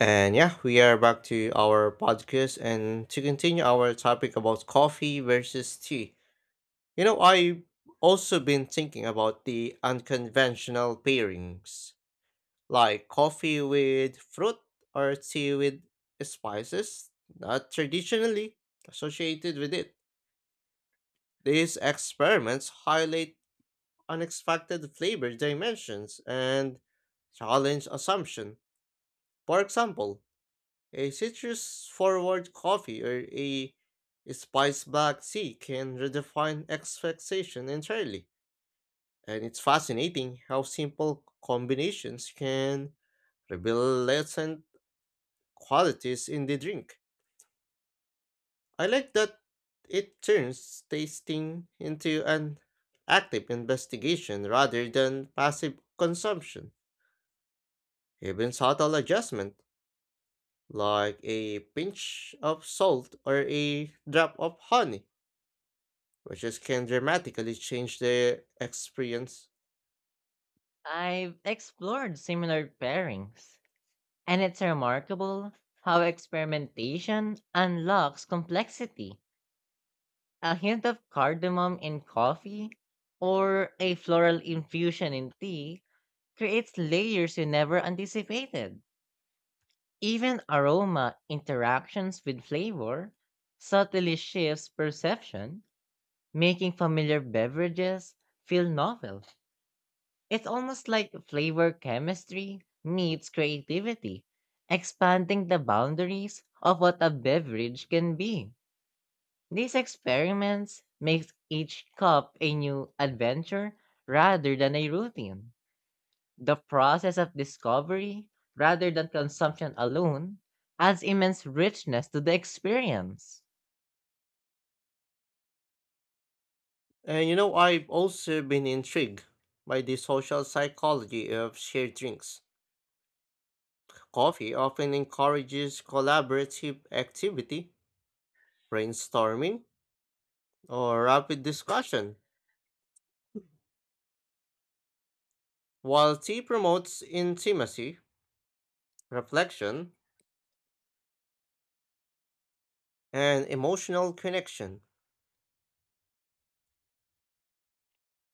And yeah, we are back to our podcast and to continue our topic about coffee versus tea. You know, I've also been thinking about the unconventional pairings, like coffee with fruit or tea with spices, not traditionally associated with it. These experiments highlight unexpected flavor dimensions and challenge assumption. For example, a citrus forward coffee or a spice back tea can redefine expectation entirely. And it's fascinating how simple combinations can reveal latent qualities in the drink. I like that it turns tasting into an active investigation rather than passive consumption. Even subtle adjustment, like a pinch of salt or a drop of honey Watches can dramatically change the experience. I've explored similar pairings, and it's remarkable how experimentation unlocks complexity. A hint of cardamom in coffee or a floral infusion in tea creates layers you never anticipated. Even aroma interactions with flavor subtly shifts perception, making familiar beverages feel novel. It's almost like flavor chemistry meets creativity, expanding the boundaries of what a beverage can be. These experiments make each cup a new adventure rather than a routine. The process of discovery rather than consumption alone adds immense richness to the experience. And you know, I've also been intrigued by the social psychology of shared drinks. Coffee often encourages collaborative activity, brainstorming, or rapid discussion, while tea promotes intimacy, reflection, and emotional connection.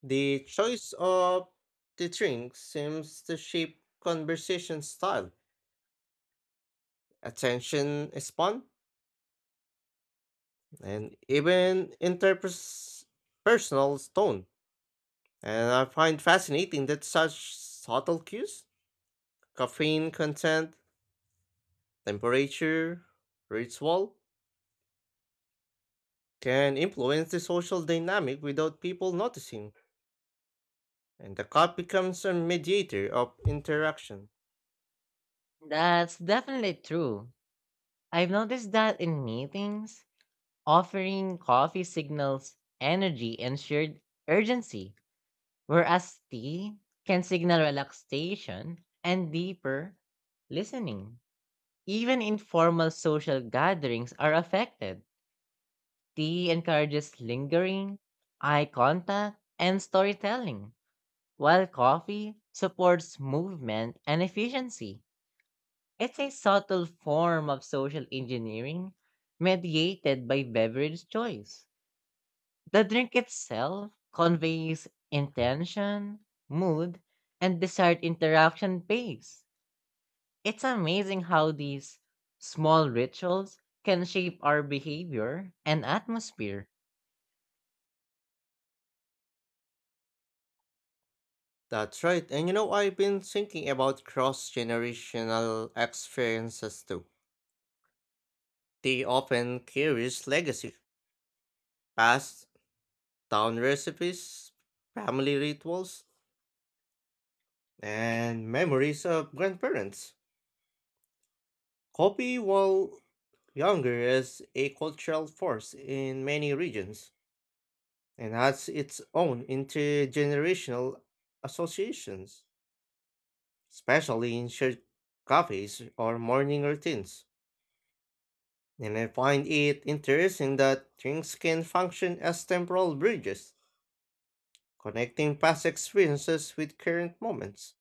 The choice of the drink seems to shape conversation style, attention span, and even interpersonal tone. And I find fascinating that such subtle cues, caffeine content, temperature, ritual, can influence the social dynamic without people noticing, and the cup becomes a mediator of interaction. That's definitely true. I've noticed that in meetings, offering coffee signals energy and shared urgency, whereas tea can signal relaxation and deeper listening. Even informal social gatherings are affected. Tea encourages lingering, eye contact, and storytelling, while coffee supports movement and efficiency. It's a subtle form of social engineering mediated by beverage choice. The drink itself conveys intention, mood, and desired interaction base. It's amazing how these small rituals can shape our behavior and atmosphere. That's right, and you know, I've been thinking about cross generational experiences too. They often carry legacy, passed down recipes, family rituals, and memories of grandparents. Coffee, while younger, is a cultural force in many regions and has its own intergenerational associations, especially in shared cafes or morning routines. And I find it interesting that drinks can function as temporal bridges, connecting past experiences with current moments.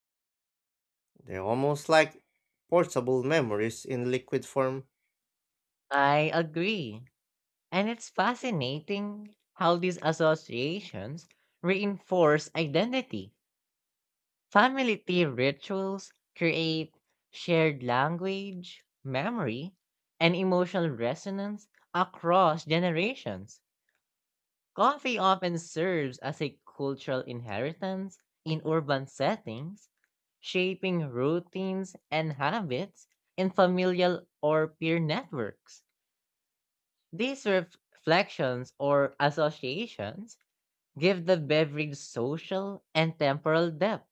They're almost like portable memories in liquid form. I agree. And it's fascinating how these associations reinforce identity. Family tea rituals create shared language, memory, and emotional resonance across generations. Coffee often serves as a cultural inheritance in urban settings, shaping routines and habits in familial or peer networks. These reflections or associations give the beverage social and temporal depth,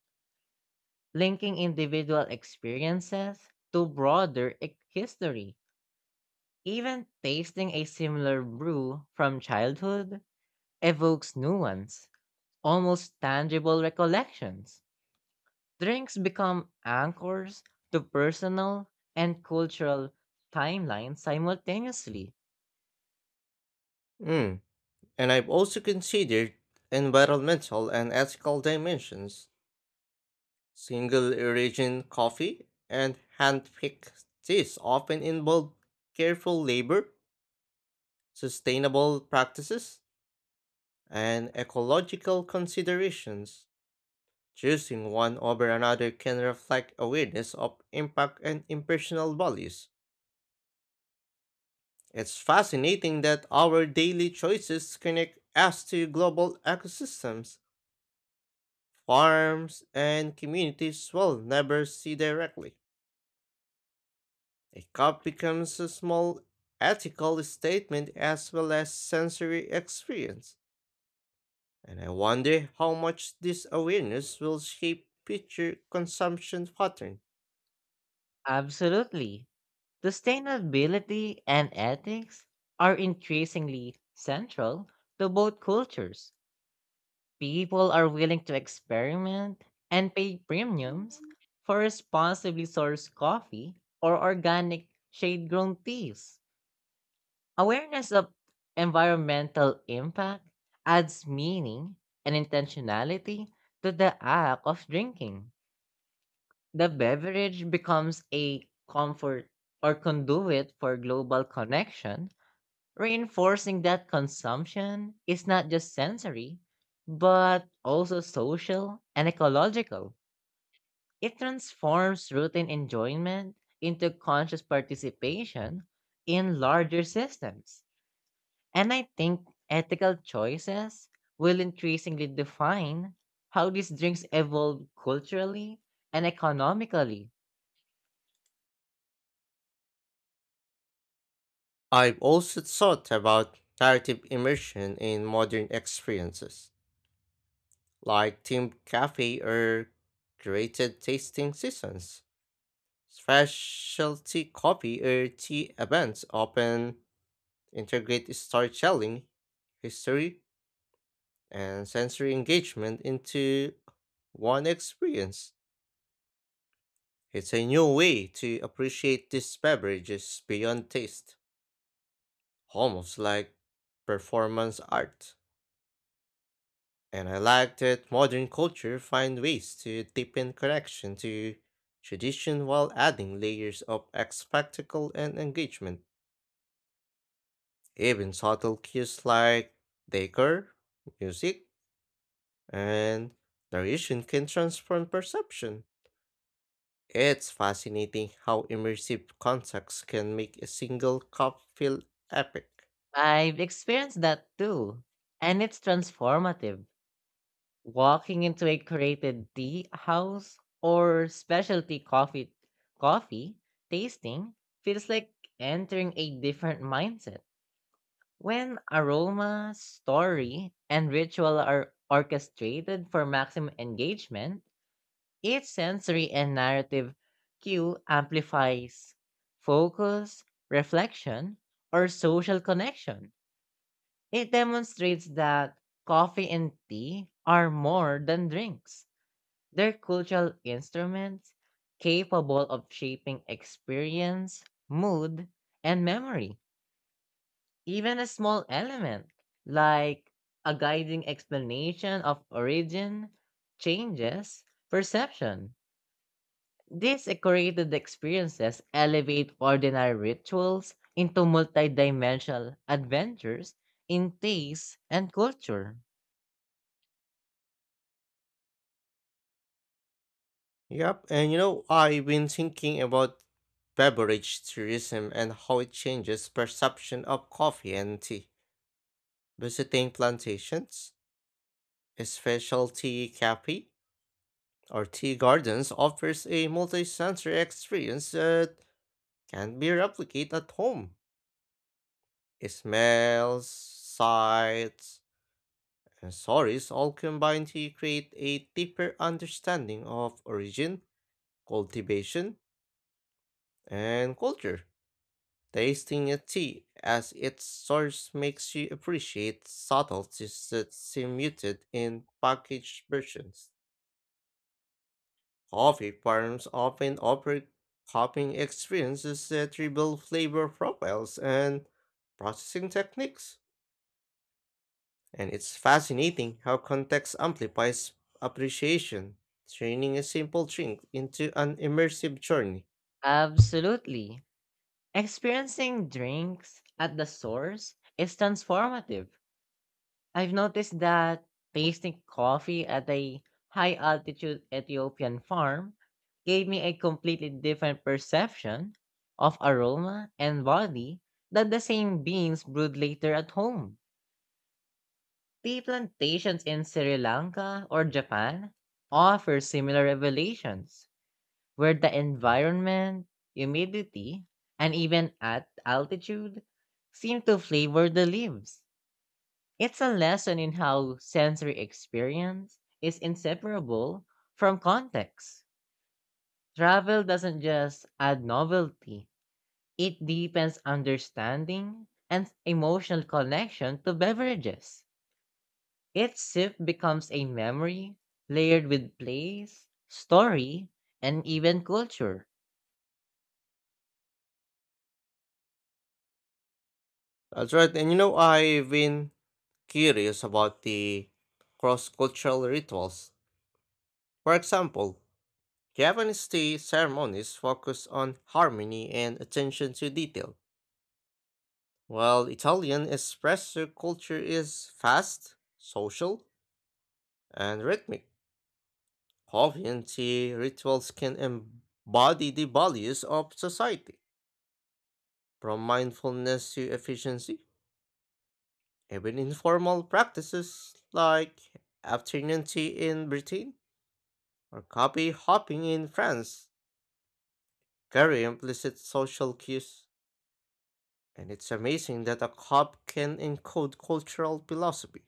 linking individual experiences to broader history. Even tasting a similar brew from childhood evokes nuance, almost tangible recollections. Drinks become anchors to personal and cultural timelines simultaneously. Mm. And I've also considered environmental and ethical dimensions. Single origin coffee and handpicked teas often involve careful labor, sustainable practices, and ecological considerations. Choosing one over another can reflect awareness of impact and impersonal values. It's fascinating that our daily choices connect us to global ecosystems Farms and communities will never see directly. A cup becomes a small ethical statement as well as sensory experience. And I wonder how much this awareness will shape future consumption pattern. Absolutely. Sustainability and ethics are increasingly central to both cultures. People are willing to experiment and pay premiums for responsibly sourced coffee or organic shade grown teas. Awareness of environmental impact adds meaning and intentionality to the act of drinking. The beverage becomes a comfort or conduit for global connection, reinforcing that consumption is not just sensory, but also social and ecological. It transforms routine enjoyment into conscious participation in larger systems. And I think ethical choices will increasingly define how these drinks evolve culturally and economically. I've also thought about narrative immersion in modern experiences, like themed cafe or curated tasting sessions. Specialty coffee or tea events often integrate storytelling, history, and sensory engagement into one experience. It's a new way to appreciate these beverages beyond taste, almost like performance art. And I like that modern culture find ways to deepen connection to tradition while adding layers of spectacle and engagement. Even subtle cues like decor, music, and narration can transform perception. It's fascinating how immersive contexts can make a single cup feel epic. I've experienced that too, and it's transformative. Walking into a curated tea house or specialty coffee tasting feels like entering a different mindset. When aroma, story, and ritual are orchestrated for maximum engagement, each sensory and narrative cue amplifies focus, reflection, or social connection. It demonstrates that coffee and tea are more than drinks, they're cultural instruments capable of shaping experience, mood, and memory. Even a small element, like a guiding explanation of origin, changes perception. These decorated experiences elevate ordinary rituals into multidimensional adventures in taste and culture. Yep, and you know, I've been thinking about beverage tourism and how it changes perception of coffee and tea. Visiting plantations, specialty cafe, or tea gardens offers a multisensory experience that can't be replicated at home. Smells, sights, and stories all combine to create a deeper understanding of origin, cultivation, and culture. Tasting a tea as its source makes you appreciate subtleties that seem muted in packaged versions. Coffee farms often offer hopping experiences that reveal flavor profiles and processing techniques. And it's fascinating how context amplifies appreciation, turning a simple drink into an immersive journey. Absolutely. Experiencing drinks at the source is transformative. I've noticed that tasting coffee at a high altitude Ethiopian farm gave me a completely different perception of aroma and body than the same beans brewed later at home. Tea plantations in Sri Lanka or Japan offer similar revelations where the environment, humidity, and even at altitude seem to flavor the leaves. It's a lesson in how sensory experience is inseparable from context. Travel doesn't just add novelty, it deepens understanding and emotional connection to beverages. Each sip becomes a memory layered with place, story, and even culture. That's right, and you know, I've been curious about the cross cultural rituals. For example, Japanese tea ceremonies focus on harmony and attention to detail, while Italian espresso culture is fast, social, and rhythmic. Obviously, rituals can embody the values of society, from mindfulness to efficiency. Even informal practices like afternoon tea in Britain or coffee hopping in France carry implicit social cues. And it's amazing that a cup can encode cultural philosophy.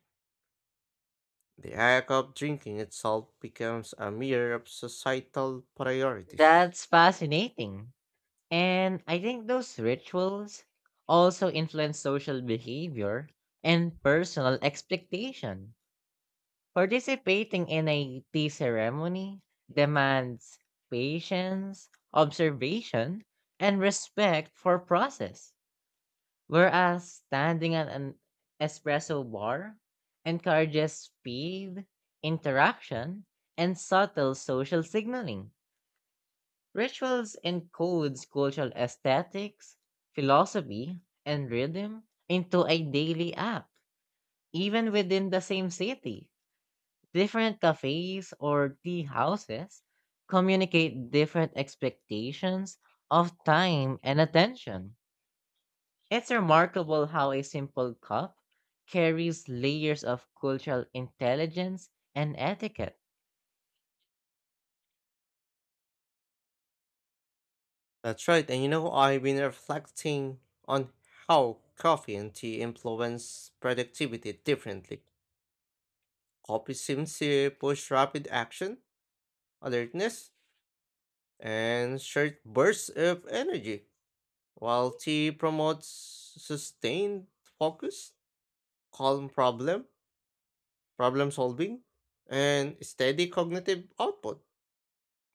The act of drinking itself becomes a mirror of societal priorities. That's fascinating. And I think those rituals also influence social behavior and personal expectation. Participating in a tea ceremony demands patience, observation, and respect for process, whereas standing at an espresso bar encourages speed, interaction, and subtle social signaling. Rituals encodes cultural aesthetics, philosophy, and rhythm into a daily app, even within the same city. Different cafes or tea houses communicate different expectations of time and attention. It's remarkable how a simple cup carries layers of cultural intelligence and etiquette. That's right, and you know, I've been reflecting on how coffee and tea influence productivity differently. Coffee seems to push rapid action, alertness, and short bursts of energy, while tea promotes sustained focus, calm problem, solving, and steady cognitive output.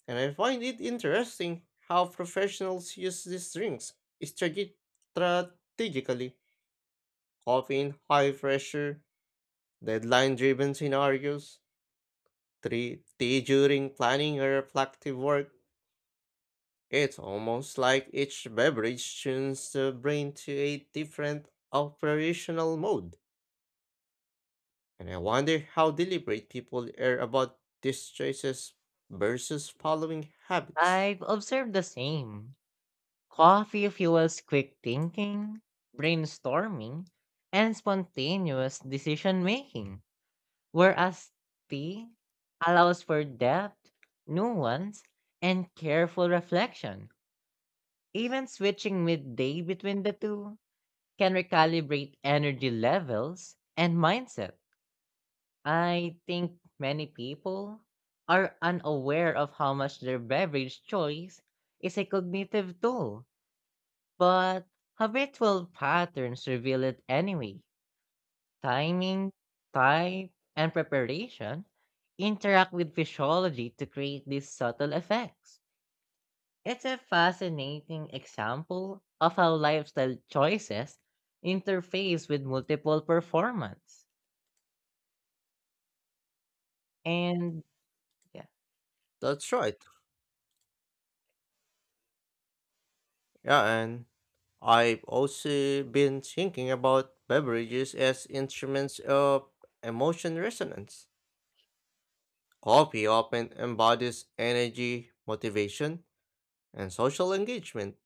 And I find it interesting how professionals use these drinks strate- strategically often high pressure, deadline driven scenarios, three tea during planning or reflective work. It's almost like each beverage tunes the brain to a different operational mode. And I wonder how deliberate people are about these choices versus following habits. I've observed the same. Coffee fuels quick thinking, brainstorming, and spontaneous decision making, whereas tea allows for depth, nuance, and careful reflection. Even switching midday between the two can recalibrate energy levels and mindset. I think many people are unaware of how much their beverage choice is a cognitive tool, but habitual patterns reveal it anyway. Timing, time, and preparation interact with physiology to create these subtle effects. It's a fascinating example of how lifestyle choices interface with multiple performance. And yeah, That's right. Yeah, and I've also been thinking about beverages as instruments of emotion resonance. Coffee often embodies energy, motivation, and social engagement,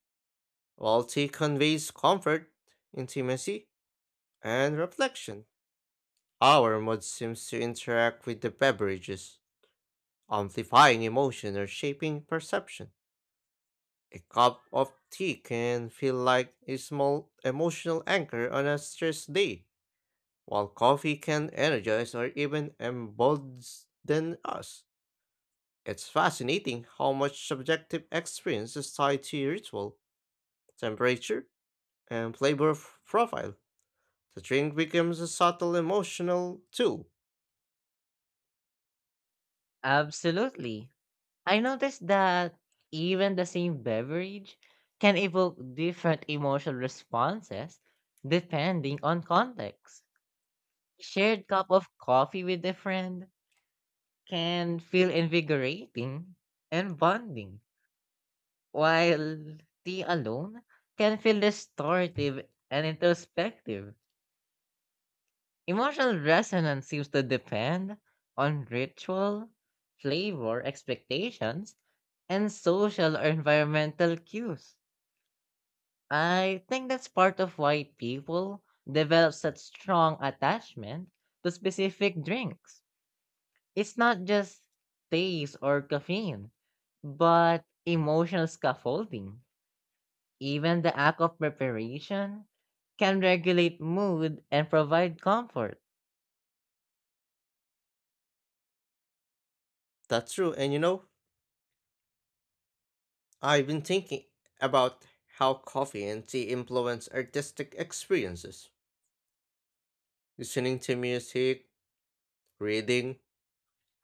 while tea conveys comfort, intimacy, and reflection. Our mood seems to interact with the beverages, amplifying emotion or shaping perception. A cup of tea can feel like a small emotional anchor on a stressed day, while coffee can energize or even embolden us. It's fascinating how much subjective experience is tied to ritual, temperature, and flavor profile. The drink becomes a subtle emotional tool. absolutely. I noticed that even the same beverage can evoke different emotional responses depending on context. Shared cup of coffee with a friend can feel invigorating and bonding, while tea alone can feel restorative and introspective. Emotional resonance seems to depend on ritual, flavor, expectations, and social or environmental cues. I think that's part of why people develop such strong attachment to specific drinks. It's not just taste or caffeine, but emotional scaffolding. Even the act of preparation can regulate mood and provide comfort. That's true, and you know, I've been thinking about how coffee and tea influence artistic experiences. Listening to music, reading,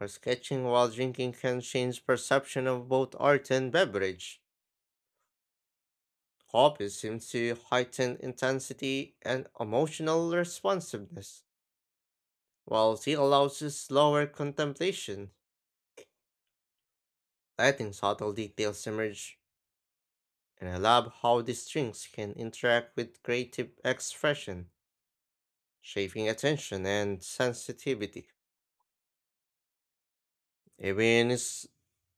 or sketching while drinking can change perception of both art and beverage. Coffee seems to heighten intensity and emotional responsiveness while Z allows slower contemplation, letting subtle details emerge, and I love how these strings can interact with creative expression, shaping attention and sensitivity. Even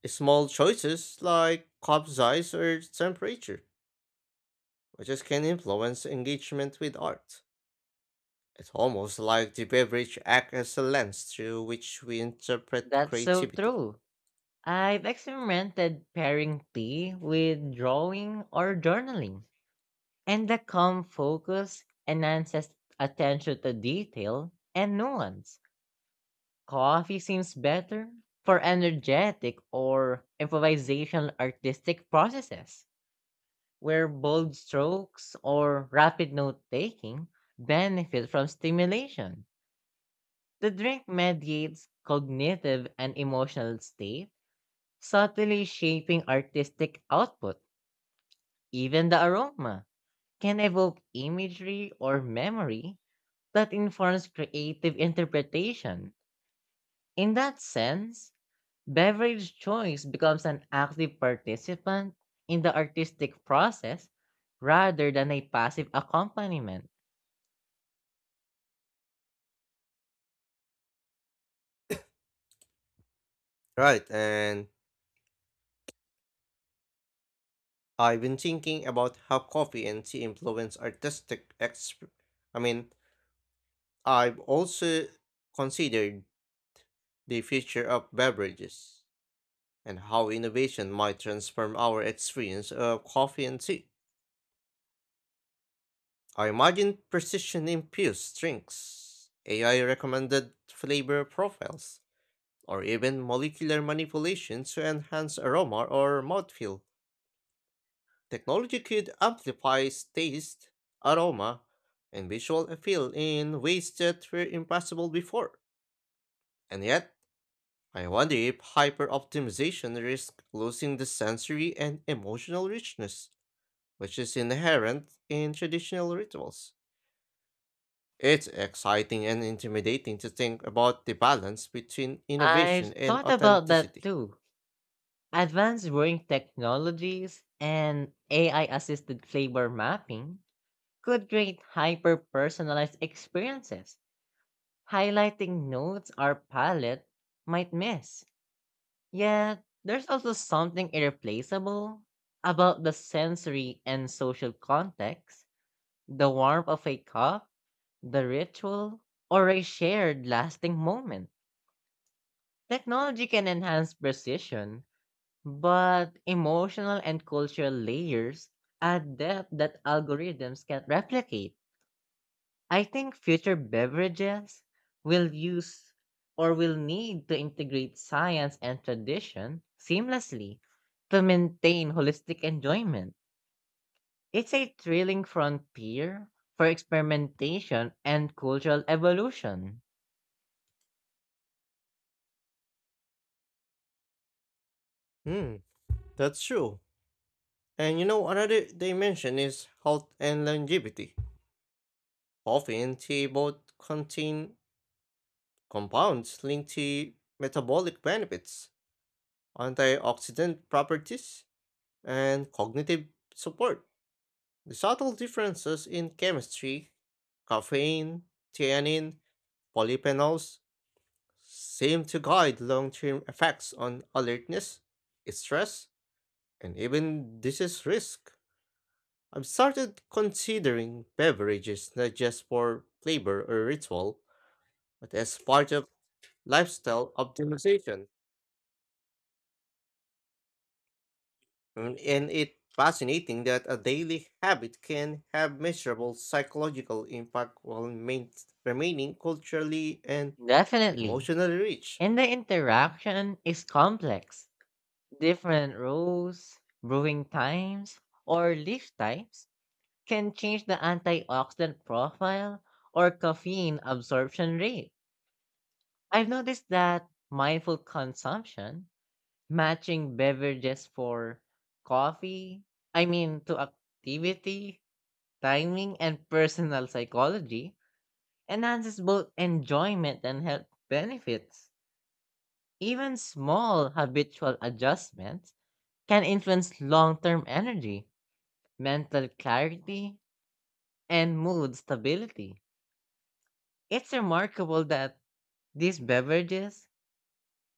small choices like cup size or temperature, which is can influence engagement with art. It's almost like the beverage acts as a lens through which we interpret That's so creativity. true. I've experimented pairing tea with drawing or journaling, and the calm focus enhances attention to detail and nuance. Coffee seems better for energetic or improvisational artistic processes, where bold strokes or rapid note taking benefit from stimulation. The drink mediates cognitive and emotional state, subtly shaping artistic output. Even the aroma can evoke imagery or memory that informs creative interpretation. In that sense, beverage choice becomes an active participant in the artistic process rather than a passive accompaniment. Right, and I've been thinking about how coffee and tea influence artistic exp- I mean, I've also considered the future of beverages and how innovation might transform our experience of coffee and tea. I imagine precision infused drinks, AI recommended flavor profiles, or even molecular manipulations to enhance aroma or mouthfeel. Technology could amplify taste, aroma, and visual appeal in ways that were impossible before. And yet, I wonder if hyper optimization risks losing the sensory and emotional richness, which is inherent in traditional rituals. It's exciting and intimidating to think about the balance between innovation I've and thought about that authenticity. too. Advanced brewing technologies and AI assisted flavor mapping could create hyper personalized experiences, highlighting notes our palate might miss. Yet, there's also something irreplaceable about the sensory and social context. The warmth of a cup, the ritual, or a shared lasting moment. Technology can enhance precision, but emotional and cultural layers add depth that algorithms can't replicate. I think future beverages will use or will need to integrate science and tradition seamlessly to maintain holistic enjoyment. It's a thrilling frontier for experimentation and cultural evolution. Hmm, that's true. And you know, another dimension is health and longevity. Often, they both contain compounds linked to metabolic benefits, antioxidant properties, and cognitive support. The subtle differences in chemistry, caffeine, theanine, polyphenols, seem to guide long term effects on alertness, stress, and even disease risk. I've started considering beverages not just for flavor or ritual, but as part of lifestyle optimization. Mm, and it's fascinating that a daily habit can have measurable psychological impact while remaining culturally and Definitely. emotionally rich. And the interaction is complex. Different rows, brewing times, or leaf types can change the antioxidant profile or caffeine absorption rate. I've noticed that mindful consumption, matching beverages for coffee, I mean to activity, timing and personal psychology enhances both enjoyment and health benefits. Even small habitual adjustments can influence long term energy, mental clarity, and mood stability. It's remarkable that these beverages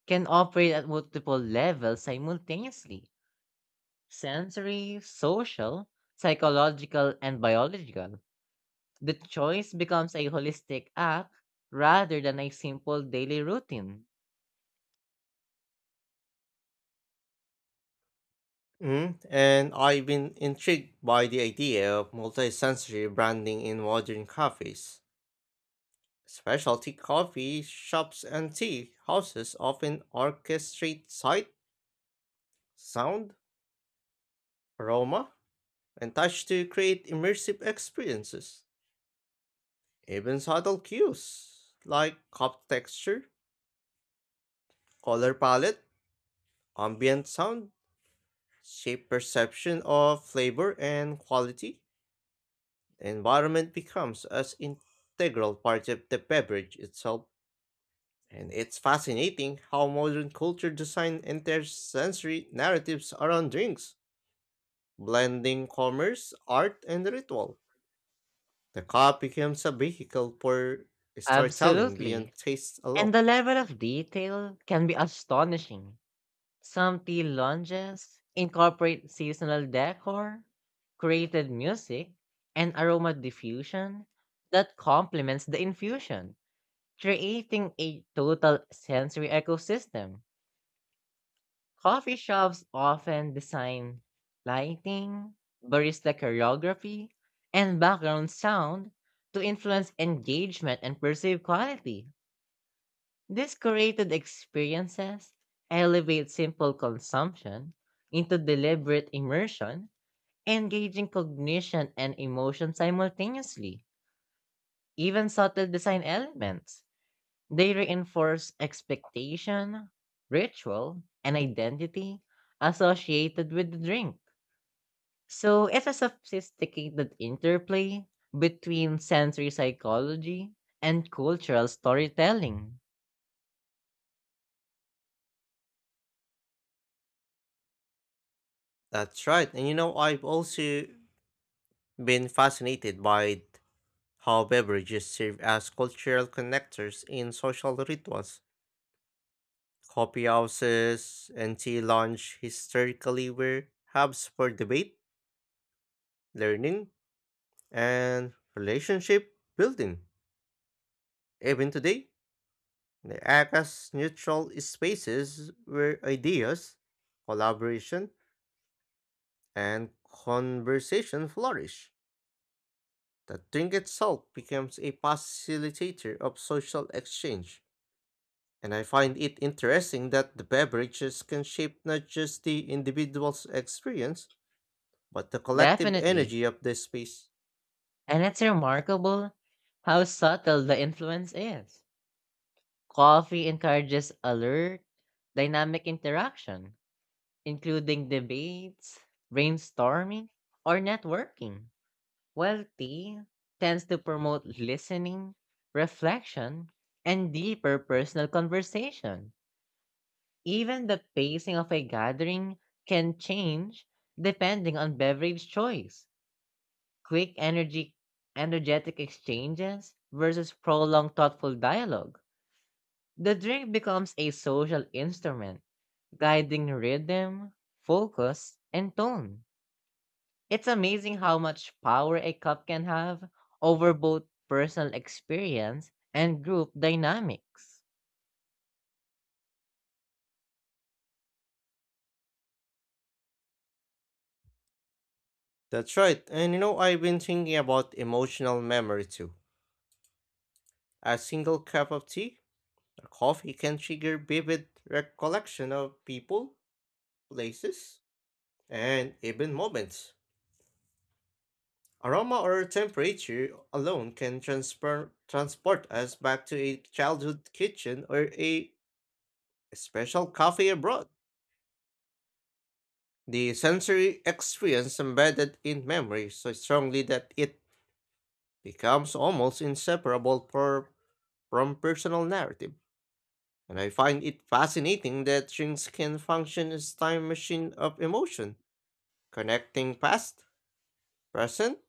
can operate at multiple levels simultaneously, sensory, social, psychological, and biological. The choice becomes a holistic act rather than a simple daily routine. Mm, and I've been intrigued by the idea of multisensory branding in modern cafes. Specialty coffee shops and tea houses often orchestrate sight, sound, aroma, and touch to create immersive experiences. Even subtle cues like cup texture, color palette, ambient sound, shape perception of flavor and quality, the environment becomes as integral part of the beverage itself. And it's fascinating how modern culture design entire sensory narratives around drinks, blending commerce, art, and ritual. The cup becomes a vehicle for storytelling beyond Absolutely. taste alone. And the level of detail can be astonishing. Some tea lounges incorporate seasonal decor, created music, and aroma diffusion that complements the infusion, creating a total sensory ecosystem. Coffee shops often design lighting, barista choreography, and background sound to influence engagement and perceived quality. These curated experiences elevate simple consumption into deliberate immersion, engaging cognition and emotion simultaneously. Even subtle design elements they reinforce expectation, ritual, and identity associated with the drink. So it's a sophisticated interplay between sensory psychology and cultural storytelling. That's right. And you know, I've also been fascinated by how beverages serve as cultural connectors in social rituals. Coffee houses and tea lounge historically were hubs for debate, learning, and relationship building. Even today, they act as neutral spaces where ideas, collaboration, and conversation flourish. The drink itself becomes a facilitator of social exchange. And I find it interesting that the beverages can shape not just the individual's experience, but the collective Definitely. energy of the space. And it's remarkable how subtle the influence is. Coffee encourages alert, dynamic interaction, including debates, brainstorming, or networking. Well, tea tends to promote listening, reflection, and deeper personal conversation. Even the pacing of a gathering can change depending on beverage choice. Quick energy energetic exchanges versus prolonged thoughtful dialogue. The drink becomes a social instrument, guiding rhythm, focus, and tone. It's amazing how much power a cup can have over both personal experience and group dynamics. That's right, and you know, I've been thinking about emotional memory too. A single cup of tea or coffee can trigger vivid recollection of people, places, and even moments. Aroma or temperature alone can transfer, transport us back to a childhood kitchen or a special cafe abroad. The sensory experience embedded in memory so strongly that it becomes almost inseparable for, from personal narrative. And I find it fascinating that dreams can function as time machine of emotion, connecting past, present,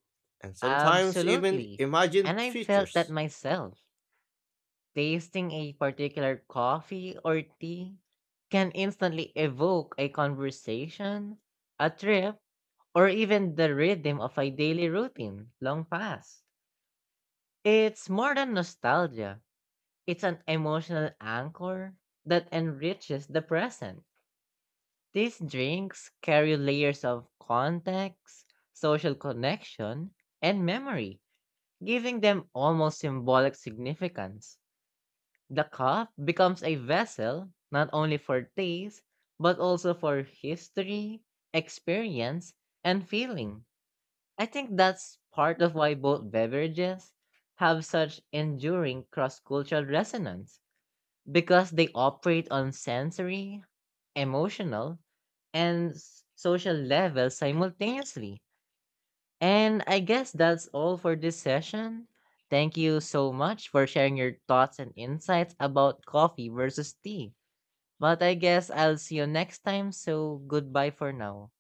and sometimes even Absolutely. And imagined I felt that futures. myself. Tasting a particular coffee or tea can instantly evoke a conversation, a trip, or even the rhythm of a daily routine long past. It's more than nostalgia, it's an emotional anchor that enriches the present. These drinks carry layers of context, social connection, and memory, giving them almost symbolic significance. The cup becomes a vessel not only for taste, but also for history, experience, and feeling. I think that's part of why both beverages have such enduring cross cultural resonance because they operate on sensory, emotional, and social levels simultaneously. And I guess that's all for this session. Thank you so much for sharing your thoughts and insights about coffee versus tea. But I guess I'll see you next time, so goodbye for now.